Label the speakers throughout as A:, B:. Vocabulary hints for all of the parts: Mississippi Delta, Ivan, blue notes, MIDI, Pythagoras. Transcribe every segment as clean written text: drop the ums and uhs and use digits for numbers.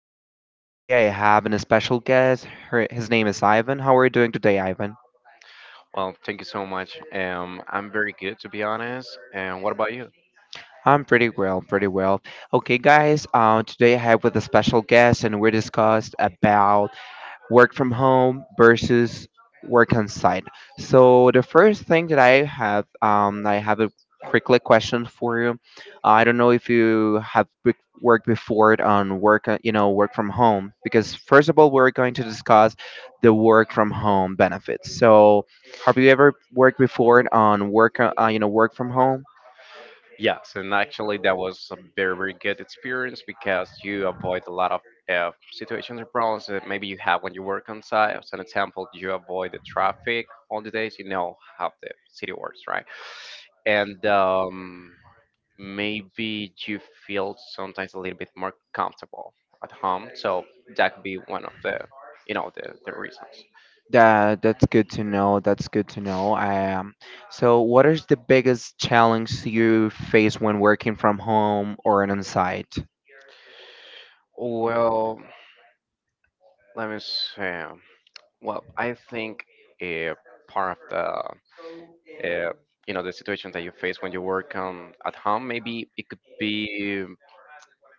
A: podcast. Today, I have an special guest. His name is Ivan. How are you doing today, Ivan?
B: Well, thank you so much. I'm very good, to be honest. And what about you?
A: I'm pretty well, pretty well. Okay, guys. Today I have with a special guest, and we discussed about work from home versus work on site. So the first thing that I have a quickly question for you. I don't know if you worked before on work, work from home, because first of all, we're going to discuss the work from home benefits. So have you ever worked before on work, work from home?
B: Yes, and actually, that was a very, very good experience because you avoid a lot of situations and problems that maybe you have when you work on site. As an example, you avoid the traffic on the days. You know how the city works, right? And maybe you feel sometimes a little bit more comfortable at home. So that could be one of the, you know, the reasons.
A: That's good to know. That's good to know. So what is the biggest challenge you face when working from home or on site?
B: Well, let me say, well, I think uh, part of uh, the situation that you face when you work at home, maybe it could be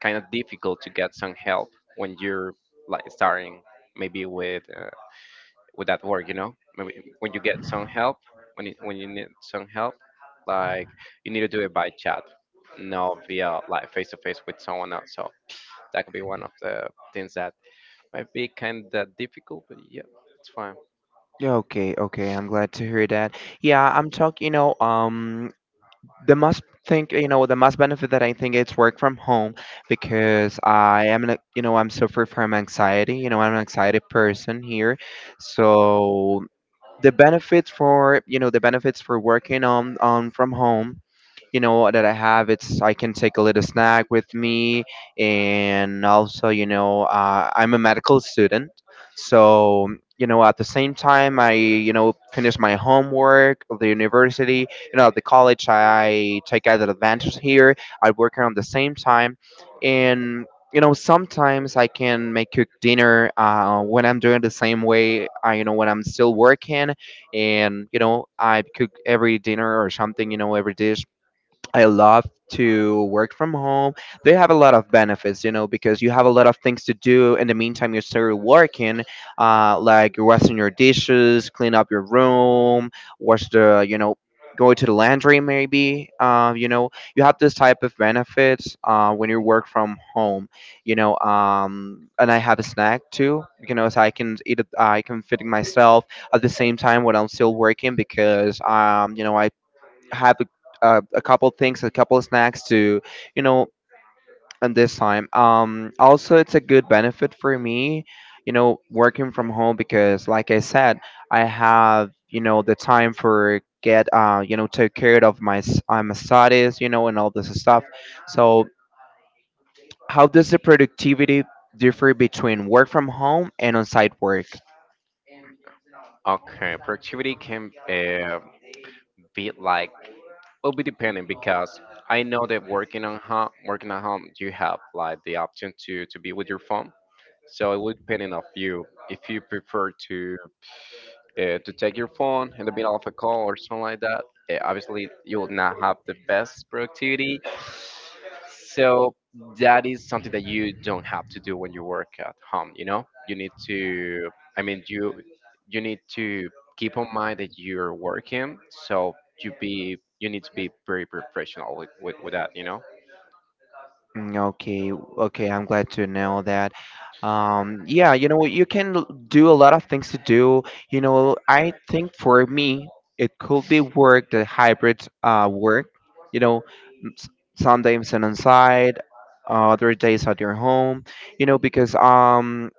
B: kind of difficult to get some help when you're like starting maybe with with that work, maybe when you get some help, when you need some help, like you need to do it by chat, not via like face to face with someone else. So that could be one of the things that might be kind of difficult, but yeah, it's fine.
A: Yeah, okay, okay, I'm glad to hear that. Yeah, I'm talking, you know, the must think, you know, the must benefit that I think it's work from home because I am, an, you know, I'm suffering from anxiety. You know, I'm an anxiety person here, so the benefits for, you know, the benefits for working on from home, you know, that I have, it's I can take a little snack with me. And also, you know, I'm a medical student. So you know at the same time I, you know, finish my homework of the university, you know, at the college. I take other advantage here. I work around the same time. And you know sometimes I can make cook dinner, when I'm doing the same way. I, you know, when I'm still working and you know I cook every dinner or something, you know, every dish. I love to work from home. They have a lot of benefits, you know, because you have a lot of things to do. In the meantime, you're still working, like washing your dishes, clean up your room, wash the, you know, go to the laundry maybe. You know, you have this type of benefits when you work from home, you know. And I have a snack too, you know, so I can eat it. I can feed myself at the same time when I'm still working because, you know, I have a couple things, a couple snacks to, you know, and this time. Also, it's a good benefit for me, you know, working from home because, like I said, I have, you know, the time for get, you know, take care of my my studies, you know, and all this stuff. So, how does the productivity differ between work from home and on-site work?
B: Okay, productivity can be like will be depending because I know that working on home, working at home, you have like the option to be with your phone. So it would depending of you if you prefer to take your phone in the middle of a call or something like that. Obviously, you will not have the best productivity. So that is something that you don't have to do when you work at home. You know, you need to. I mean, you need to keep in mind that you're working, so you need to be very professional with that, you know,
A: Mm, okay, okay, I'm glad to know that. Yeah, you know, you can do a lot of things to do. You know, I think for me, it could be work, the hybrid work. You know, s- some days on site, other days at your home. You know, because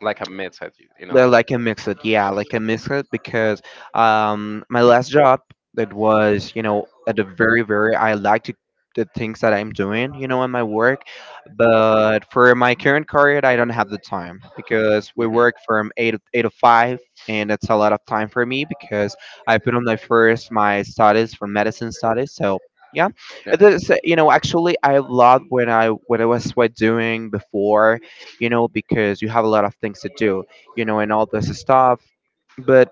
B: like a method,
A: they're
B: like
A: like a mix it, yeah, like a mix it because my last job, it was, you know, at the very, very I like to the things that I'm doing, you know, in my work. But for my current career, I don't have the time because we
B: hmm.
A: work from 8 to 5, and it's a lot of time for me because I put on my first my studies for medicine studies. So yeah, it
B: Yes.
A: is, you know, actually I loved when I what I was what doing before, you know, because you have a lot of things to do, you know, and all this stuff. But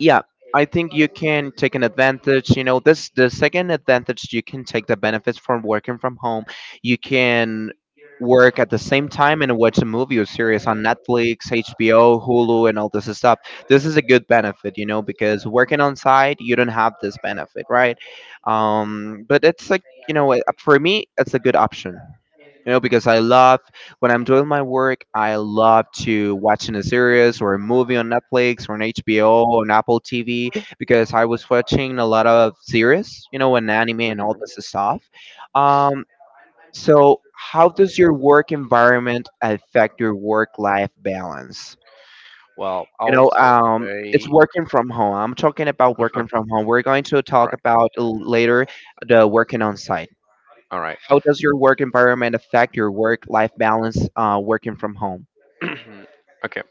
A: yeah, I think you can take an advantage. You know, this the second advantage you can take the benefits from working from home. You can work at the same time and watch a movie or series on Netflix, HBO, Hulu, and all this stuff. This is a good benefit, you know, because working on site, you don't have this benefit, right? But it's like, you know, for me, it's a good option, you know, because I love when I'm doing my work, I love to watching a series or a movie on Netflix or on HBO or on Apple TV because I was watching a lot of series, you know, and anime and all
B: Hmm.
A: this stuff. Um, so, how does your work environment affect your work-life balance?
B: Well,
A: You
B: I'll
A: know, it's
B: say
A: working from home. I'm talking about working
B: all
A: from home. We're going to talk
B: right,
A: about later the working on site.
B: all right,
A: How does your work environment affect your work-life balance working from home?
B: okay,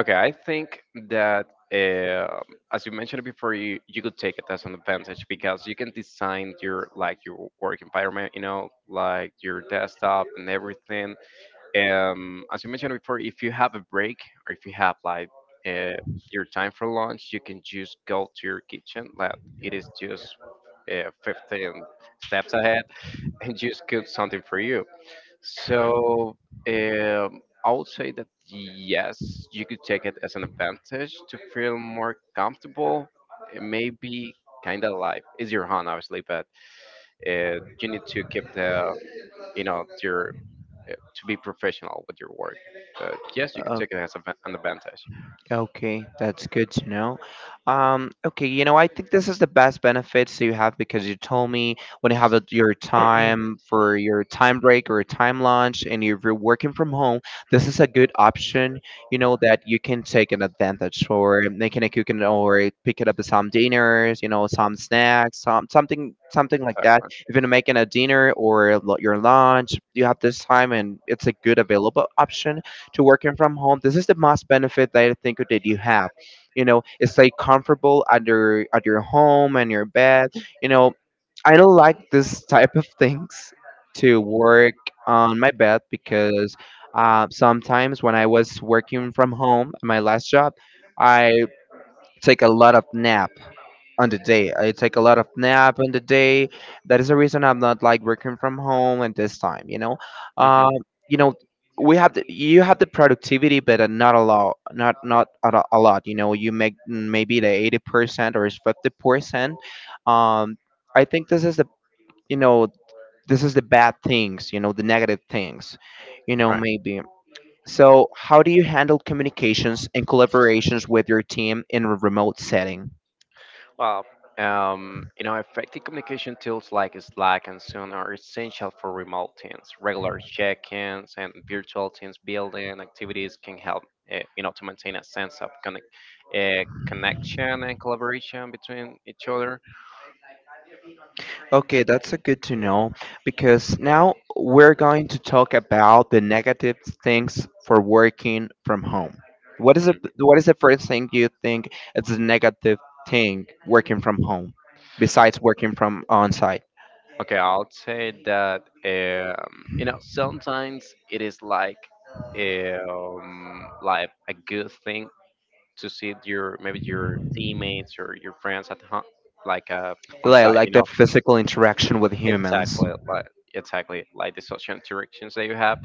B: okay. I think that uh, as you mentioned before, you could take it as an advantage because you can design your work environment, you know, like your desktop and everything as you mentioned before, if you have a break or if you have like uh, your time for lunch, you can just go to your kitchen. Like it is just 15 steps ahead and just cook something for you. So I would say that yes, you could take it as an advantage to feel more comfortable. It may be kind of like it's your hand obviously, but you need to keep the you know your to be professional with your work. But yes, you can take it as an advantage.
A: Okay, that's good to know. Okay, you know, I think this is the best benefits you have because you told me when you have a, your time for your time break or time lunch and you're working from home, this is a good option, you know, that you can take an advantage for making a cooking or picking up some dinners, you know, some snacks, some something something like that.
B: Exactly.
A: If you're making a dinner or your lunch, you have this time and it's a good available option to working from home, this is the most benefit that I think that you have. You know, it's like comfortable at your home and your bed. You know, I don't like this type of things to work on my bed because sometimes when I was working from home, my last job, I take a lot of nap on the day. I take a lot of nap on the day. That is the reason I'm not like working from home at this time.
B: Hmm.
A: Um, you know, we have the, you have the productivity, but not a lot, not a lot. You know, you make maybe the 80% or 50%. Um, I think this is the, you know, this is the bad things. You know, the negative things. You know,
B: Right.
A: maybe. So, how do you handle communications and collaborations with your team in a remote setting?
B: Well, you know, effective communication tools like Slack and Zoom are essential for remote teams. Regular check-ins and virtual teams building activities can help, to maintain a sense of connection and collaboration between each other.
A: Okay, that's a good to know because now we're going to talk about the negative things for working from home.
B: Mhm.
A: What is the first thing you think is a negative thing working from home besides working from on site?
B: Okay, I'll say that sometimes it is like a good thing to see your maybe your teammates or your friends at home, like on site. You
A: Like the
B: know,
A: physical interaction with humans.
B: exactly like exactly like the social interactions that you have.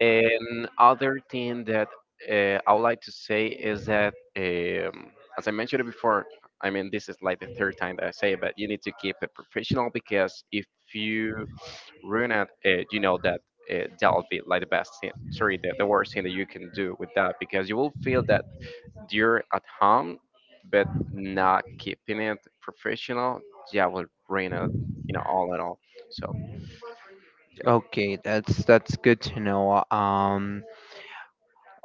B: And other thing that I would like to say is that, as I mentioned before, I mean, this is like the third time that I say it, but you need to keep it professional because if you ruin it, you know that'll be like the best thing, sorry, the worst thing that you can do with that because you will feel that you're at home, but not keeping it professional, yeah, will ruin it, you know, all in all. So, yeah.
A: Okay, that's good to know.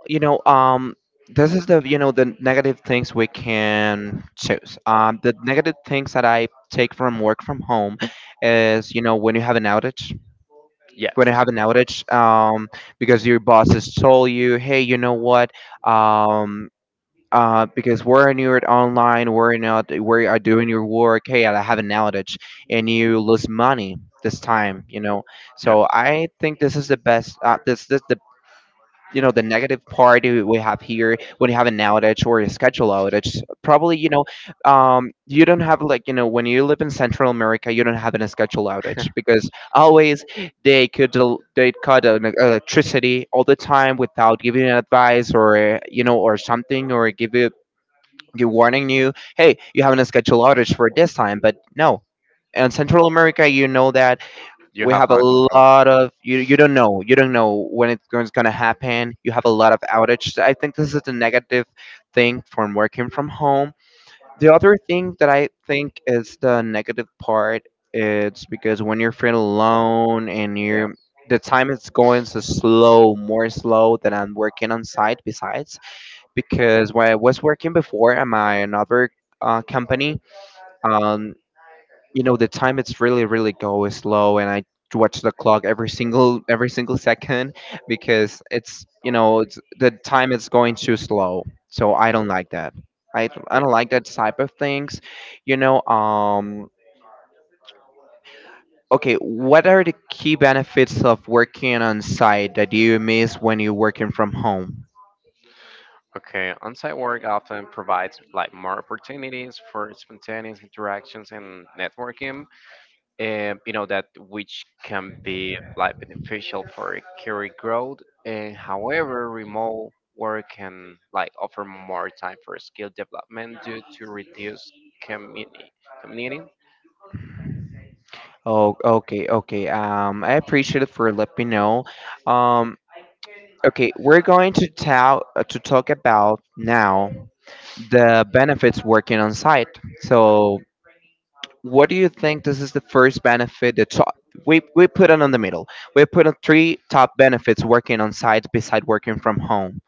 A: You know, this is the, you know, the negative things we can choose, the negative things that I take from work from home is, you know, when you have an outage, when
B: Yes.
A: you have an outage, because your boss has told you, hey, you know what, um because we're not online, we're not, we are doing your work. Hey, I have an outage, and you lose money this time. You know,
B: Yeah,
A: so I think this is the best. This this the you know, the negative part we have here when you have an outage or a schedule outage, probably, you know, you don't have like, you know, when you live in Central America, you don't have an schedule outage because always they could they cut an electricity all the time without giving you advice or, you know, or something, or give you, you warning you, hey, you have an schedule outage for this time, but no, in Central America, you know that
B: you
A: we
B: have
A: have a
B: no control.
A: lot of, you don't know, you don't know when it's going to happen, you have a lot of outage. I think this is the negative thing from working from home. The other thing that I think is the negative part, it's because when you're feeling alone and
B: Yeah,
A: you're, the time is going so slow, more slow than I'm working on site besides, because when I was working before at my another company, um, you know, the time, it's really really goes slow, and I watch the clock every single second because it's, you know, it's the time is going too slow. So I don't like that. I
B: yeah.
A: don't like that type of things, you know. Okay, what are the key benefits of working on site that you miss when you're working from home?
B: Okay, on-site work often provides like more opportunities for spontaneous interactions and networking, and you know that which can be like beneficial for career growth. And however, remote work can like offer more time for skill development due to reduced community commuting.
A: Oh, okay, okay, I appreciate it for letting me know. um okay, we're going to tell to talk about now the benefits working on site. So, what do you think? This is the first benefit. The top, we put it on the middle. We put on three top benefits working on site beside working from home.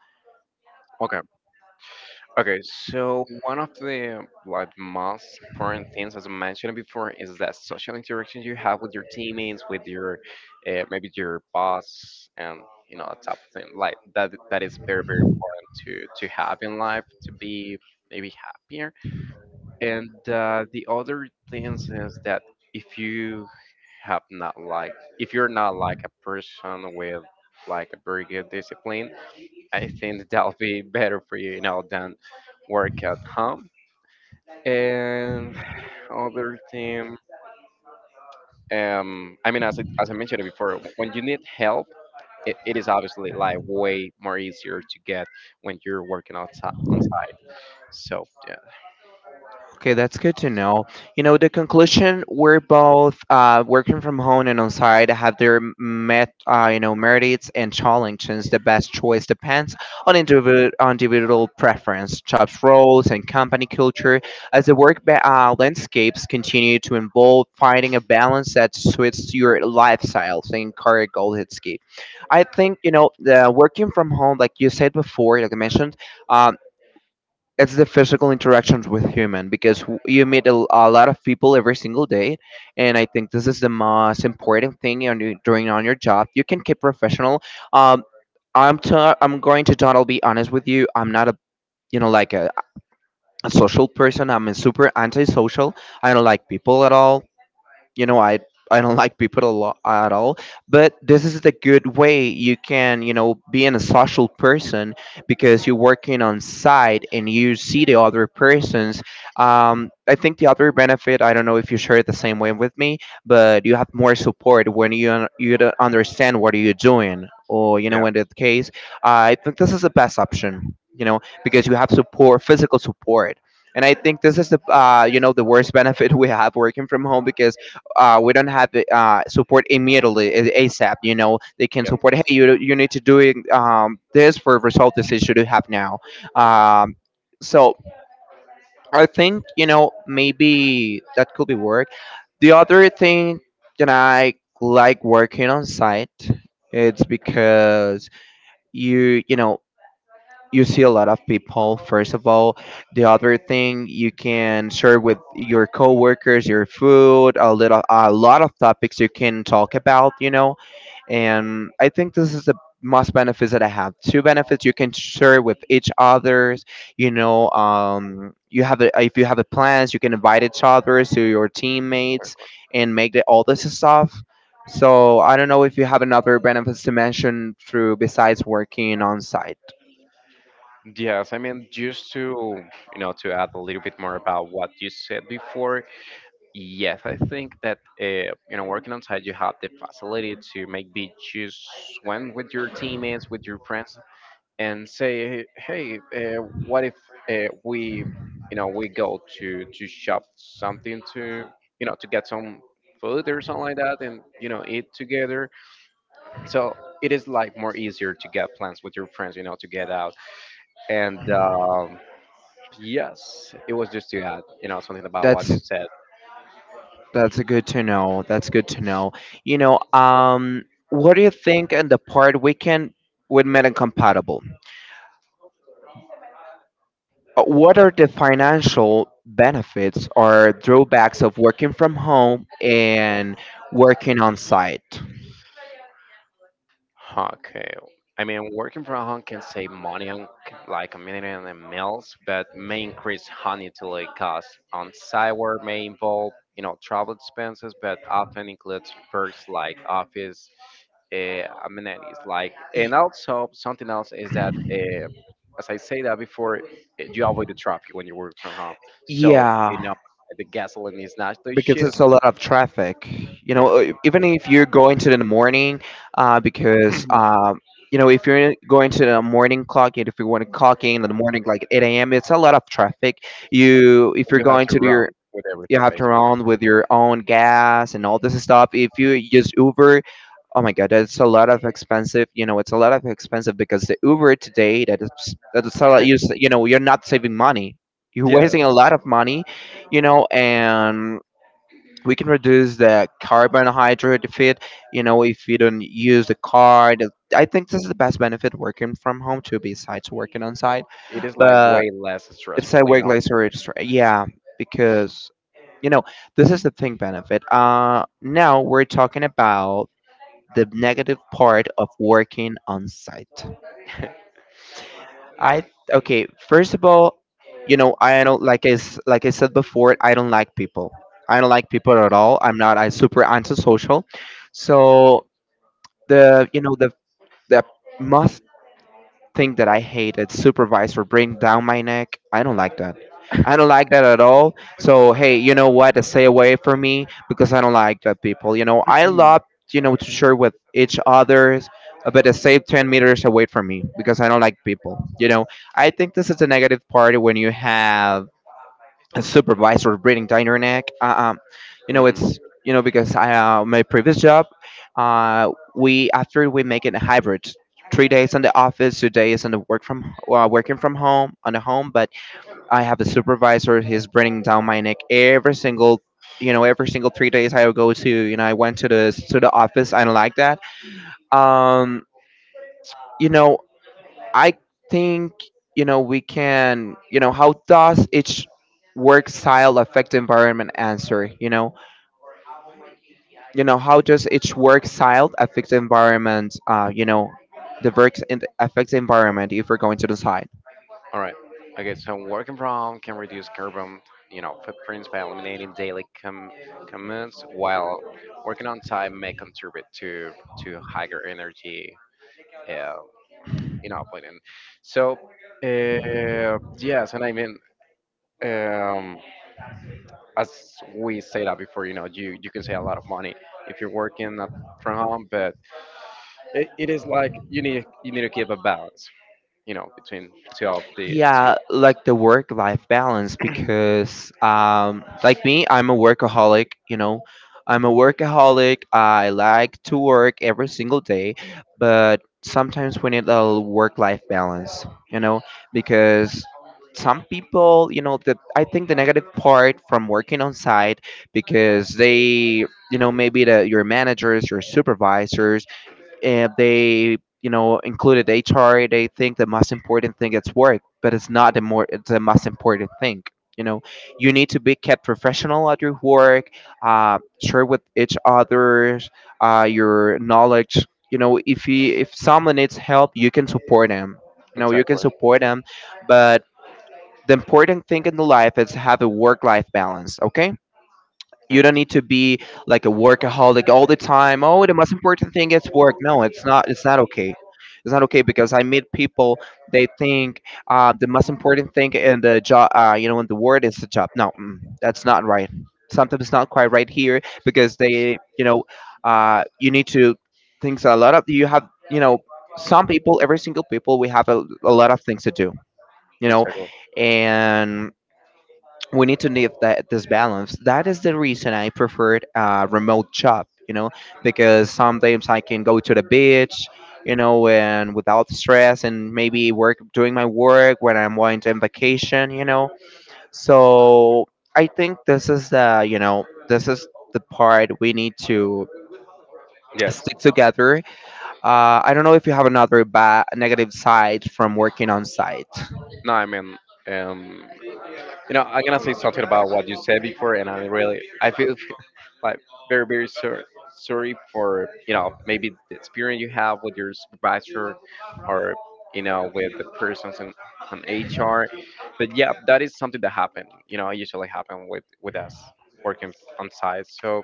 B: Okay, so one of the like most important things, as I mentioned before, is that social interaction you have with your teammates, with your maybe your boss, and you know that type of thing. Like that, that is very very important to have in life to be maybe happier. And the other things is that if you have not like if you're not like a person with like a very good discipline I think that'll be better for you, you know, than work at home. And other thing, I mean, as I mentioned before, when you need help, it is obviously like way more easier to get when you're working outside on site. So yeah,
A: Okay, that's good to know. You know, the conclusion we're both, working from home and on site have their you know, merits and challenges. The best choice depends on individual preference, job roles, and company culture. As the landscapes continue to evolve, finding a balance that suits your lifestyle. Think Kari Goldhitsky. I think, you know, the working from home, like you said before, like I mentioned. uh, it's the physical interactions with human because you meet a lot of people every single day. And I think this is the most important thing on you doing on your job, you can keep professional. um I'm going to totally be honest with you, I'm not a, you know like a, a social person. I'm a super antisocial. I don't like people at all. You know, I don't like people a lot at all. But this is the good way you can, you know, be in a social person because you're working on site and you see the other persons. I think the other benefit, I don't know if you share it the same way with me, but you have more support when you don't understand what you're doing or, you
B: yeah,
A: know, in that case. I think this is the best option, you know, because you have support, physical support. And I think this is the you know, the worst benefit we have working from home because we don't have the support immediately, asap, you know. They can
B: yeah.
A: support, hey, you need to do it, this for result this issue to have now. um, so I think, you know, maybe that could be work. The other thing that I like working on site, it's because you know, you see a lot of people first of all. The other thing, you can share with your coworkers your food, a little, a lot of topics you can talk about, you know. And I think this is the most benefits that I have, two benefits: you can share with each others, you know. You have a, if you have a plans, you can invite each others to your teammates and make all this stuff. So I don't know if you have another benefits to mention through besides working on site.
B: Yes, I mean, just to add a little bit more about what you said before, yes, I think that working on site, you have the facility to maybe choose swim with your teammates, with your friends, and say, hey, what if uh, we, we go to shop something to to get some food or something like that, and you know eat together. So it is like more easier to get plans with your friends, you know, to get out. And yes, it was just to add, you know, something about what
A: that's
B: you said.
A: That's good to know. That's good to know. You know, what do you think in the part we can with meta compatible? What are the financial benefits or drawbacks of working from home and working on site?
B: Okay. I mean, working from home can save money on like a million and meals, but may increase home utility costs. On site work may involve, travel expenses, but often includes perks like office amenities. Like, and also something else is that, as I say that before, you avoid the traffic when you work from home. So you
A: Yeah,
B: know, the gasoline is not the
A: because
B: ship.
A: it's a lot of traffic, you
B: Yeah,
A: know, even if you're going to the morning, because
B: you
A: you know, if you're going to the morning clock and if you want to clock in the morning like 8 a.m, it's a lot of traffic. You, if you're
B: have
A: going
B: to
A: to do
B: run
A: your,
B: with
A: you
B: everything
A: have to
B: basically.
A: run with your own gas and all this stuff. If you use Uber, oh my god, that's a lot of expensive, you know. It's a lot of expensive because the Uber today, that's a lot. You know, you're not saving money, you're
B: Yeah,
A: wasting a lot of money, you know. And we can reduce the carbohydrate defeat, you know, if you don't use the car. I think this is the best benefit working from home too besides working on site.
B: it is like
A: But
B: way less
A: it's
B: stressful,
A: a
B: you
A: work
B: know.
A: laser registry, yeah. Because, you know, this is the thing benefit. Now we're talking about the negative part of working on site. I Okay. First of all, you know, I don't like, like I said before, I don't like people. I don't like people at all. I'm not. I'm super antisocial. So the you know, the most think that I hated, supervisor bring down my neck. I don't like that. I don't like that at all. So hey, you know what? Stay away from me because I don't like that people. You know, I love, you know, to share with each others, but stay 10 meters away from me because I don't like people. You know, I think this is a negative part when you have a supervisor breathing down your neck. You know,
B: Hmm.
A: it's, you know, because I my previous job, we after we make it a hybrid, 3 days in the office, 2 days in the work from working from home on the home. But I have a supervisor, he's bringing down my neck every single. You know, every single 3 days I go to, you know, I went to the office. I don't like that. Um, you know, I think, you know, we can, you know, how does each work style affect the environment answer, you know. You know, how does each work style affect the environment? You know, the works in affects the environment if we're going to decide.
B: All right. Okay, so working from home can reduce carbon footprints by eliminating daily commutes, while working on site may contribute to higher energy, uh, planning. So, yes, and I mean, um, as we say that before, you know, you can save a lot of money if you're working from home, but it is like you need to keep a balance, you know, between two of the two
A: Yeah,
B: options.
A: like the work life balance because, like me, I'm a workaholic, you know. I'm a workaholic, I like to work every single day, but sometimes we need a work life balance, you know. Because some people, you know, that I think the negative part from working on site, because they, you know, maybe the your managers, your supervisors, and they, you know, included HR, they think the most important thing is work. But it's not the more it's the most important thing, you know. You need to be kept professional at your work, share with each others your knowledge, you know. If you, if someone needs help, you can support them, you know, you can
B: Exactly.
A: support them. But the important thing in the life is have a work life balance, okay?
B: Yeah,
A: You don't need to be like a workaholic all the time. Oh, the most important thing is work. No, it's not. It's not okay. It's not okay because I meet people. They think, the most important thing in the job, you know, in the word is the job. No, mm, that's not right. Something's not quite right here because they, you know, you need to think a lot of. You have, you know, some people, every single people, we have a lot of things to do. You know,
B: exactly.
A: and we need to need that this balance. That is the reason I preferred a remote job, you know, because sometimes I can go to the beach, you know, and without stress, and maybe work doing my work when I'm going to vacation, you know. So I think this is, the you know, this is the part we need to
B: Yes.
A: stick together. I don't know if you have another negative side from working on site.
B: No, I mean, um, I'm gonna say something about what you said before, and I really, I feel like very, very sorry, for maybe the experience you have with your supervisor, or you know with the persons on HR. But yeah, that is something that happen. Usually happen with us working on site. So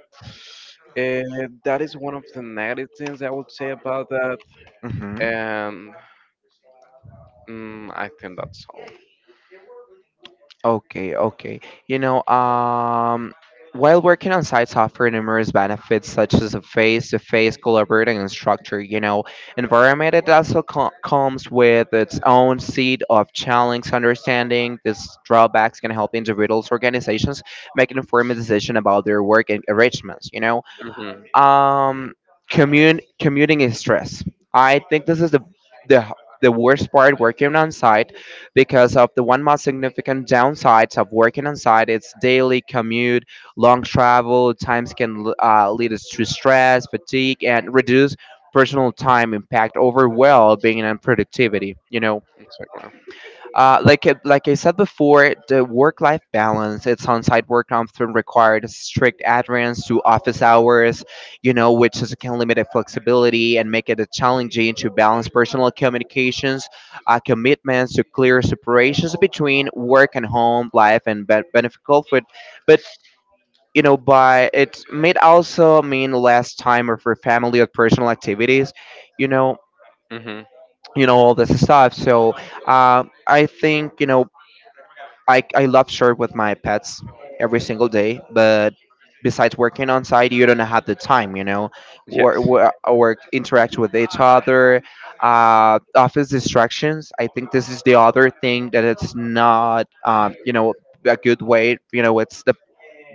B: that is one of the negative things I would say about that,
A: Mm-hmm.
B: and I think that's all.
A: Okay, okay. You know, while working on sites offer numerous benefits such as a face-to-face collaborating structure, you know, environment, it also comes with its own seed of challenge understanding. These drawbacks can help individuals, organizations make an informed decision about their work and enrichments, you know.
B: Hmm.
A: Um, commute Commuting is stress. I think this is the the worst part working on site, because of the one most significant downsides of working on site, it's daily commute. Long travel times can lead us to stress, fatigue, and reduce personal time, impact over well being and productivity, you know.
B: Exactly.
A: Like it, like I said before, the work-life balance, it's on-site work often requires strict adherence to office hours, you know, which is, can limit the flexibility and make it a challenging to balance personal communications, commitments to clear separations between work and home life and beneficial for, but you know, by it may also mean less time or for family or personal activities, you know,
B: Hmm.
A: you know, all this stuff. So. I think, you know, I love share with my pets every single day, but besides working on site, you don't have the time, you know,
B: Yes.
A: or interact with each other. Office distractions, I think this is the other thing that it's not, you know, a good way. You know, it's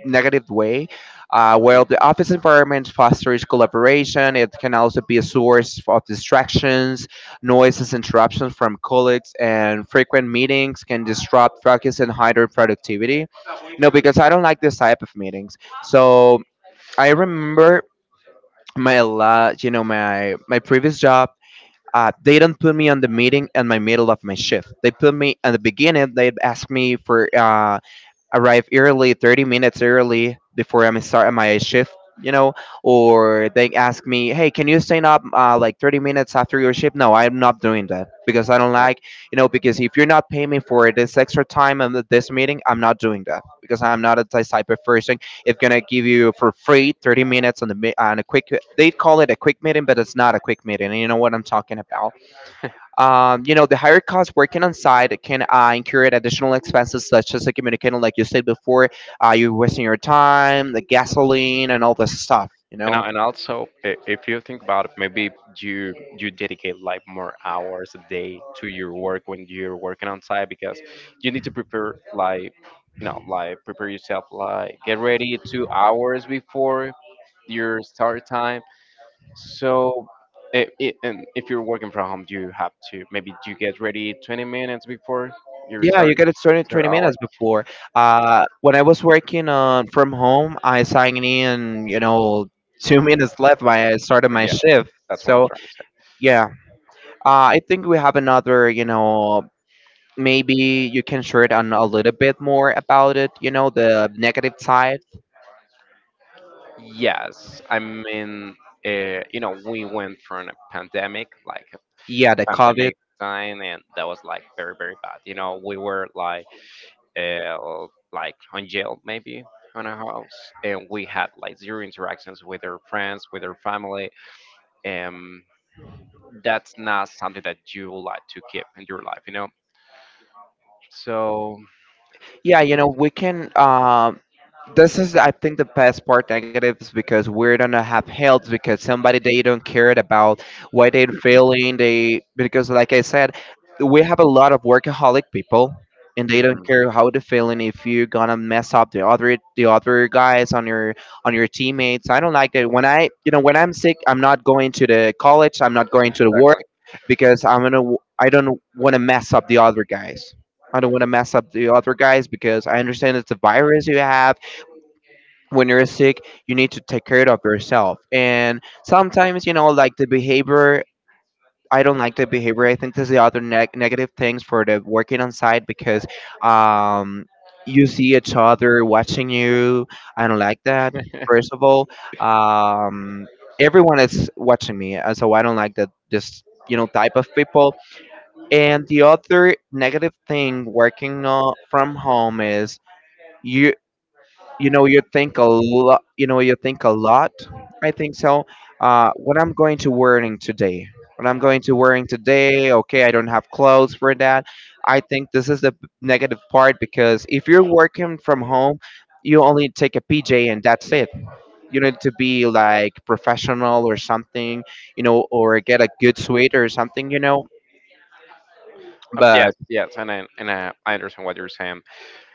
A: negative way. While the
B: Mhm.
A: office environment fosters collaboration, it can also be a source of distractions, noises, interruptions from colleagues, and frequent meetings can disrupt focus and hinder productivity. You know, because I don't like this type of meetings. So I remember you know, my previous job. They don't put me on the meeting in my middle of my shift. They put me at the beginning. They asked me for arrive early, 30 minutes early before I'm start my shift, you know. Or they ask me, hey, can you stand up like 30 minutes after your shift? No, I'm not doing that because I don't
B: Yeah.
A: like, you know, because if you're not paying me for this extra time and this meeting, I'm not doing that because I'm not a type of person. It's gonna give you for free 30 minutes on on a quick, they call it a quick meeting, but it's not a quick meeting. You know what I'm talking about? The higher cost working on site can incur additional expenses such as the communicating, like you said before, you're wasting your time, the gasoline, and all this stuff, you
B: And,
A: know?
B: also, if you think about it, maybe you dedicate like more hours a day to your work when you're working on site because you need to prepare like you know like prepare yourself like get ready 2 hours before your start time. So and if you're working from home, you have to maybe you get ready 20 minutes before your
A: Yeah, you
B: start
A: get it
B: your
A: started
B: start
A: 20
B: hour.
A: minutes before. When I was working on from home, I signed in, two minutes left when I started my
B: Yeah,
A: shift.
B: that's what I'm
A: So,
B: trying to
A: yeah, I think we have another, maybe you can share it on a little bit more about it, the negative side.
B: say. Yes, I mean, we went from a pandemic, like a
A: Yeah, the COVID.
B: pandemic time, and that was like very, very bad. You know, we were uh, like on jail maybe on a house, and we had like zero interactions with our friends, with our family. Um, that's not something that you would like to keep in your life, you know. So,
A: Yeah,
B: yeah,
A: we can this is, I think, the best part negatives because we're gonna have helps because somebody they don't care about why they're failing. They because, like I said, we have a lot of workaholic people, and they don't
B: mhm,
A: care how they're feeling. If you're gonna mess up the other guys on your teammates, I don't like that. When I'm sick, I'm not going to the college. I'm not going to the work because I don't want to mess up the other guys. I don't want to mess up the other guys because I understand it's a virus you have when you're sick, you need to take care of yourself. And sometimes, like the behavior, I don't like the behavior. I think this is the other negative things for the working on site because um, you see each other watching you. I don't like that.
B: exactly.
A: First of all, um, everyone is watching me, so I don't like that. This type of people. And the other negative thing working from home is. You, you know you think a lot, you think a lot. I think so, what I'm going to wearing today, what I'm going to wearing today. Okay, I don't have clothes for that. I think this is the negative part because if you're working from home you only take a PJ and that's it. You need to be like professional or something, or get a good suite or something,
B: Yes,
A: but.
B: yes, and I understand what you're saying.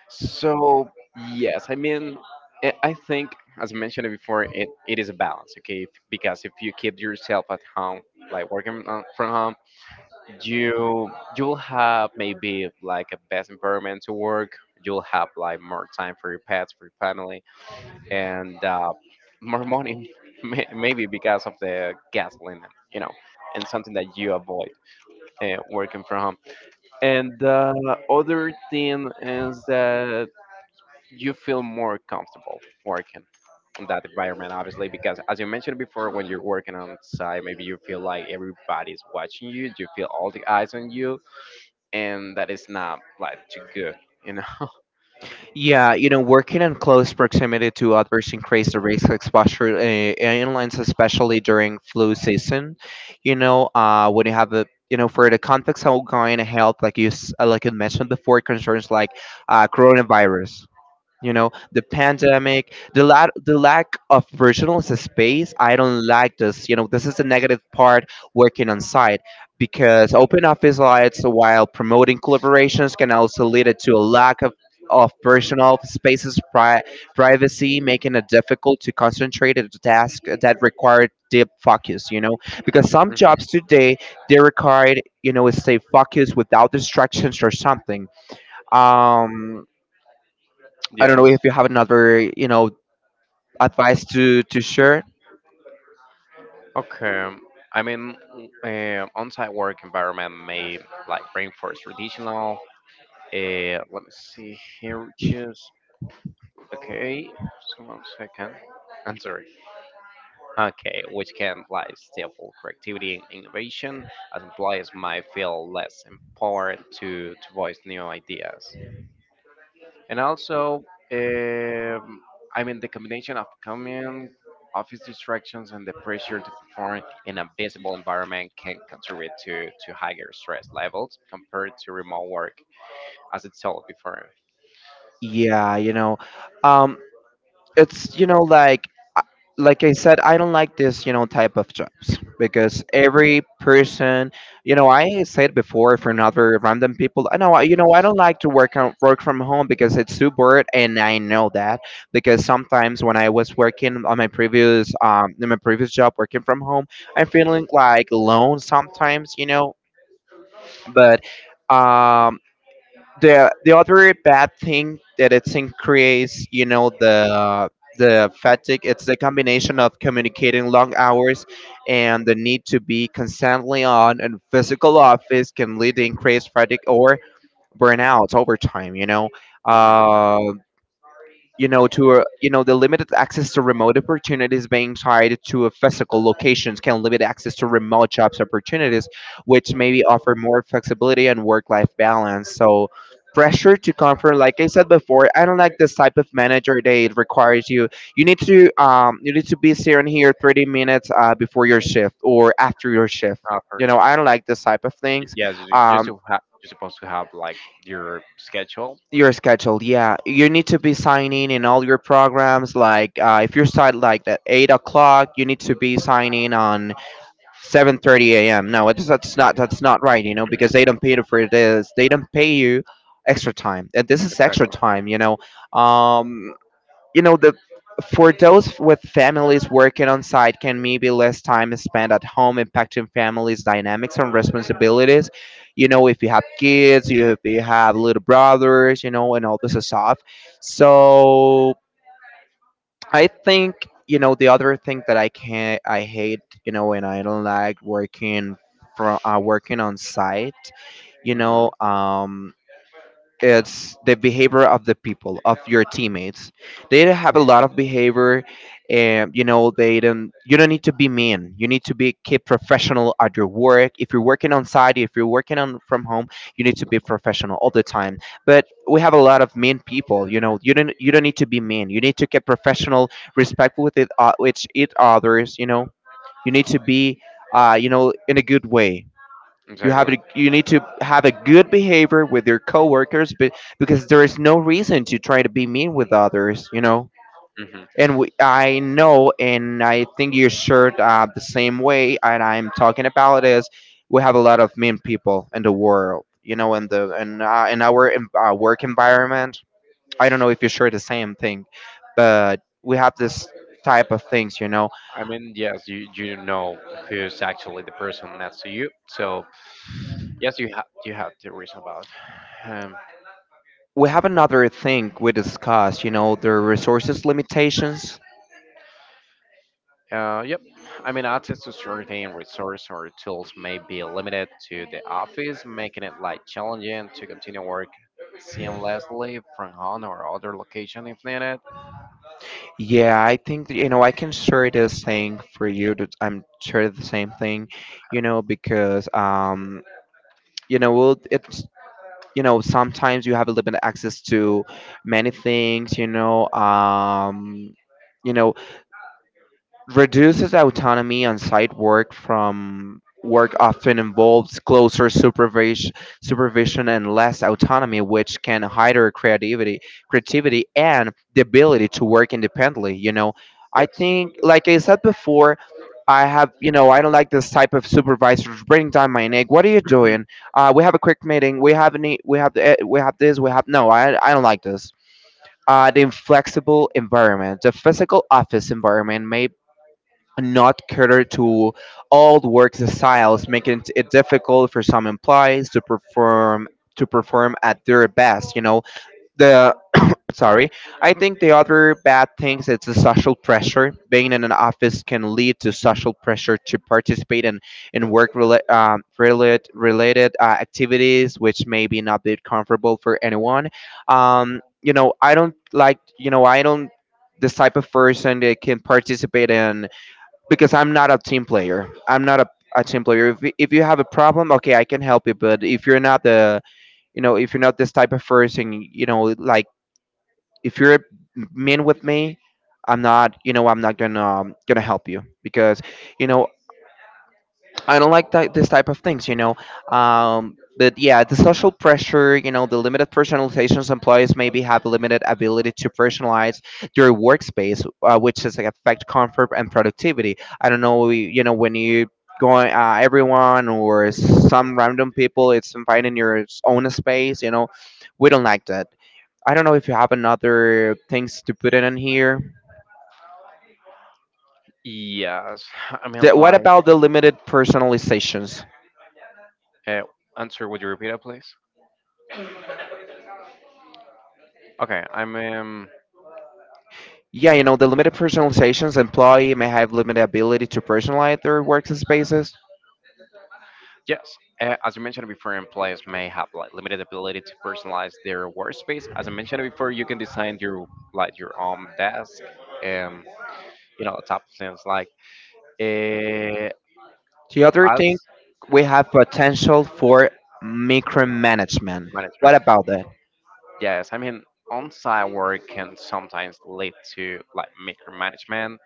B: So yes, I mean, I think as I mentioned it before, it is a balance, okay? Because if you keep yourself at home, like working from home, you you'll have maybe like a best environment to work. You'll have like more time for your pets, for your family, and more money, maybe because of the gasoline, you know, and something that you avoid working from home. And the other thing is that you feel more comfortable working in that environment, obviously, because as you mentioned before, when you're working outside, maybe you feel like everybody's watching you, you feel all the eyes on you, and that is not like too good, you know?
A: Yeah, working in close proximity to others increase the risk of exposure in lines, especially during flu season. When you have a for the context of ongoing health, like you mentioned before, concerns like coronavirus. You know the Pandemic, the lack of personal space, I don't like this, this is the negative part working on site, because open office lights while promoting collaborations can also lead it to a lack of personal spaces, privacy, making it difficult to concentrate at a task that required deep focus, because some jobs
B: Mhm.
A: today they require, stay focused without distractions or something. um I don't know
B: Yes.
A: if you have another, advice to share.
B: Okay. I mean, on-site work environment may like reinforce traditional. Let me see here. Just. Okay, just one second. Sorry. Okay, which can imply stifle creativity and innovation, as employees might feel less empowered to voice new ideas. And also, um, I mean, the combination of common office distractions and the pressure to perform in a visible environment can contribute to higher stress levels compared to remote work, as it's told before.
A: Yeah, um, it's, like, I- like I said, I don't like this, type of jobs because every person, I said before for another random people. I know, I don't like to work from home because it's too bored, and I know that because sometimes when I was working on my previous in my previous job working from home, I'm feeling like alone sometimes, but um the other bad thing that it's increased, the fatigue. It's the combination of communicating long hours and the need to be constantly on and physical office can lead to increased fatigue or burnout over time.
B: Mhm.
A: Uh, you know to a, you know the limited access to remote opportunities being tied to a physical locations can limit access to remote jobs opportunities, which maybe offer more flexibility and work life balance. So, pressure to comfort, like I said before, I don't like this type of manager that it requires you. You need to be sitting here 30 minutes before your shift or after your shift.
B: Ah, for
A: I
B: sure.
A: don't like this type of things.
B: Yes, you're,
A: Um,
B: you're supposed to have like your schedule.
A: your schedule, yeah, you need to be signing in all your programs, like if you start like at 8 o'clock you need to be signing on 7:30 a.m. No, that's not right, you know, because they don't pay you for this, they don't pay you extra time and this is extra
B: Exactly.
A: time. Um, you know the For those with families working on site can maybe less time is spent at home, impacting families dynamics and responsibilities. You know, if you have kids, you if you have little brothers, you know, and all this stuff. So I think, the other thing that I hate, and I don't like working from working on site. you
B: Hmm.
A: know um it's the behavior of the people, of your teammates. They have a lot of behavior. And, they don't you don't need to be mean. You need to be keep professional at your work. If you're working on site, if you're working on from home, you need to be professional all the time. But we have a lot of mean people. You know, you don't need to be mean. You need to keep professional, respectful with each others. You need to be in a good way.
B: Exactly.
A: You need to have a good behavior with your coworkers, but because there is no reason to try to be mean with others.
B: Hmm.
A: And we, I know, and I think you shared the same way. And I'm talking about is we have a lot of mean people in the world, in in our work environment. I don't know if you share the same thing, but we have this type of things.
B: I mean, yes, you know who's actually the person next to you. So yes, you have to reason about. Um,
A: We have another thing we discussed, the resources limitations.
B: yep. I mean, access to certain resource or tools may be limited to the office, making it like challenging to continue work seamlessly from home or other location if needed?
A: Yeah, I think that, I can share this thing for you. That I'm sure the same thing, because you know, well, it's, sometimes you have a limited access to many things, you know, reduces autonomy. On site work from work often involves closer supervision and less autonomy, which can hinder creativity and the ability to work independently. You know, I
B: Yes.
A: think, like I said before, I have, you know, I don't like this type of supervisors bringing down my neck. What are you doing? We have a quick meeting. We have this. We have no. I don't like this the inflexible environment. The physical office environment may not cater to old work styles, making it difficult for some employees to perform at their best. You know the sorry. I think the other bad things is the social pressure. Being in an office can lead to social pressure to participate in work related activities, which may be not be comfortable for anyone. I don't like. I don't this type of person that can participate in, because I'm not a team player. I'm not a team player. If you have a problem, okay, I can help you. But if you're not this type of person, like if you're mean with me, I'm not gonna help you because, you know, I don't like that, this type of things. But yeah, the social pressure, the limited personalizations, employees maybe have limited ability to personalize their workspace, which is like affect comfort and productivity. I don't know, when you going everyone or some random people, it's finding your own space. We don't like that. I don't know if you have another things to put it in here.
B: Yes. I
A: The,
B: mean,
A: what
B: like,
A: about the limited personalizations?
B: uh, answer, would you repeat it, please? Okay, I mean,
A: Yeah, the limited personalizations, employee may have limited ability to personalize their workspaces.
B: yes. As you mentioned before, employees may have like limited ability to personalize their workspace. As I mentioned before, you can design your like your own desk and you know the top things like uh,
A: The other thing,
B: as
A: we have potential for micromanagement. What
B: management.
A: about that?
B: Yes, I mean, on-site work can sometimes lead to like micromanagement,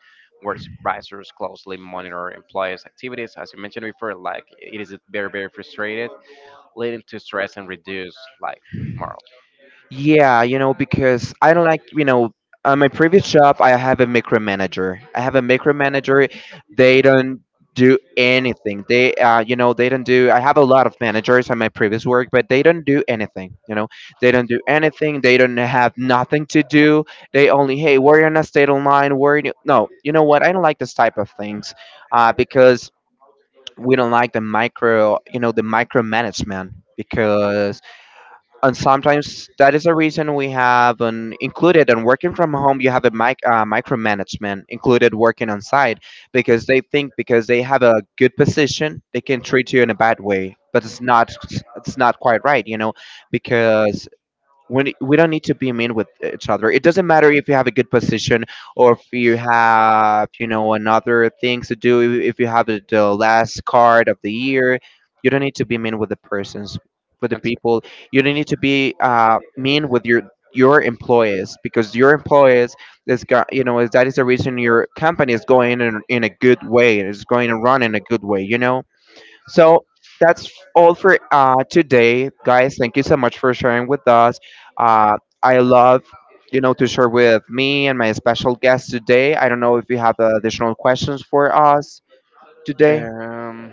B: where supervisors closely monitor employees' activities. As you mentioned before, like it is very, very frustrated, leading to stress and reduced like morale.
A: Yeah, because I don't like, on my previous job, I have a micromanager. I have a micromanager. They don't do anything. They don't do. I have a lot of managers on my previous work, but they don't do anything. They don't do anything. They don't have nothing to do. They only, hey, we're on a state online? Line. No, you know what? I don't like this type of things, because we don't like the micro, you know, the micromanagement. Because, and sometimes that is the reason we have an included, and working from home you have a micromanagement included working on site, because they think because they have a good position they can treat you in a bad way, but it's not quite right. Because we don't need to be mean with each other. It doesn't matter if you have a good position or if you have, another things to do, if you have the last card of the year, you don't need to be mean with the persons, with the
B: And,
A: people. You don't need to be mean with your employees, because your employees is got, is that is the reason your company is going in a good way, it's going to run in a good way. So that's all for today, guys. Thank you so much for sharing with us. I love, to share with me and my special guest today. I don't know if you have additional questions for us today.
B: um,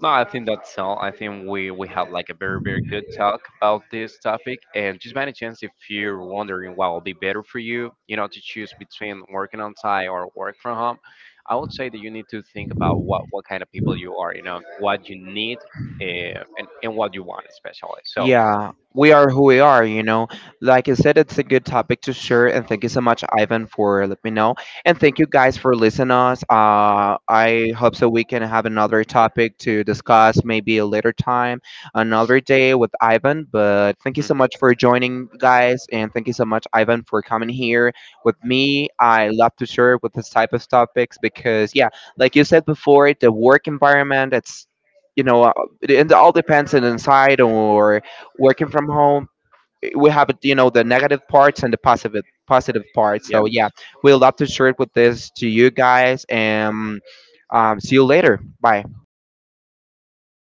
B: no, I think that's all. I think we have like a very very good talk about this topic. And just by any chance, if you're wondering what will be better for you, you know, to choose between working on site or work from home, I would say that you need to think about what kind of people you are, you know, what you need, and what you want especially. So,
A: Yeah, we are who we are. Like you said, it's a good topic to share, and thank you so much, Ivan, for let me know. And thank you guys for listening us. I hope so we can have another topic to discuss maybe a later time, another day with Ivan. But thank you so
B: mhm,
A: much for joining, guys, and thank you so much, Ivan, for coming here with me. I love to share with this type of topics because, yeah, like you said before, the work environment, it's you know, it, it all depends on inside or working from home, we have, the negative parts and the positive parts. So yeah,
B: yes,
A: we'd love to share it with this to you guys, and see you later, bye.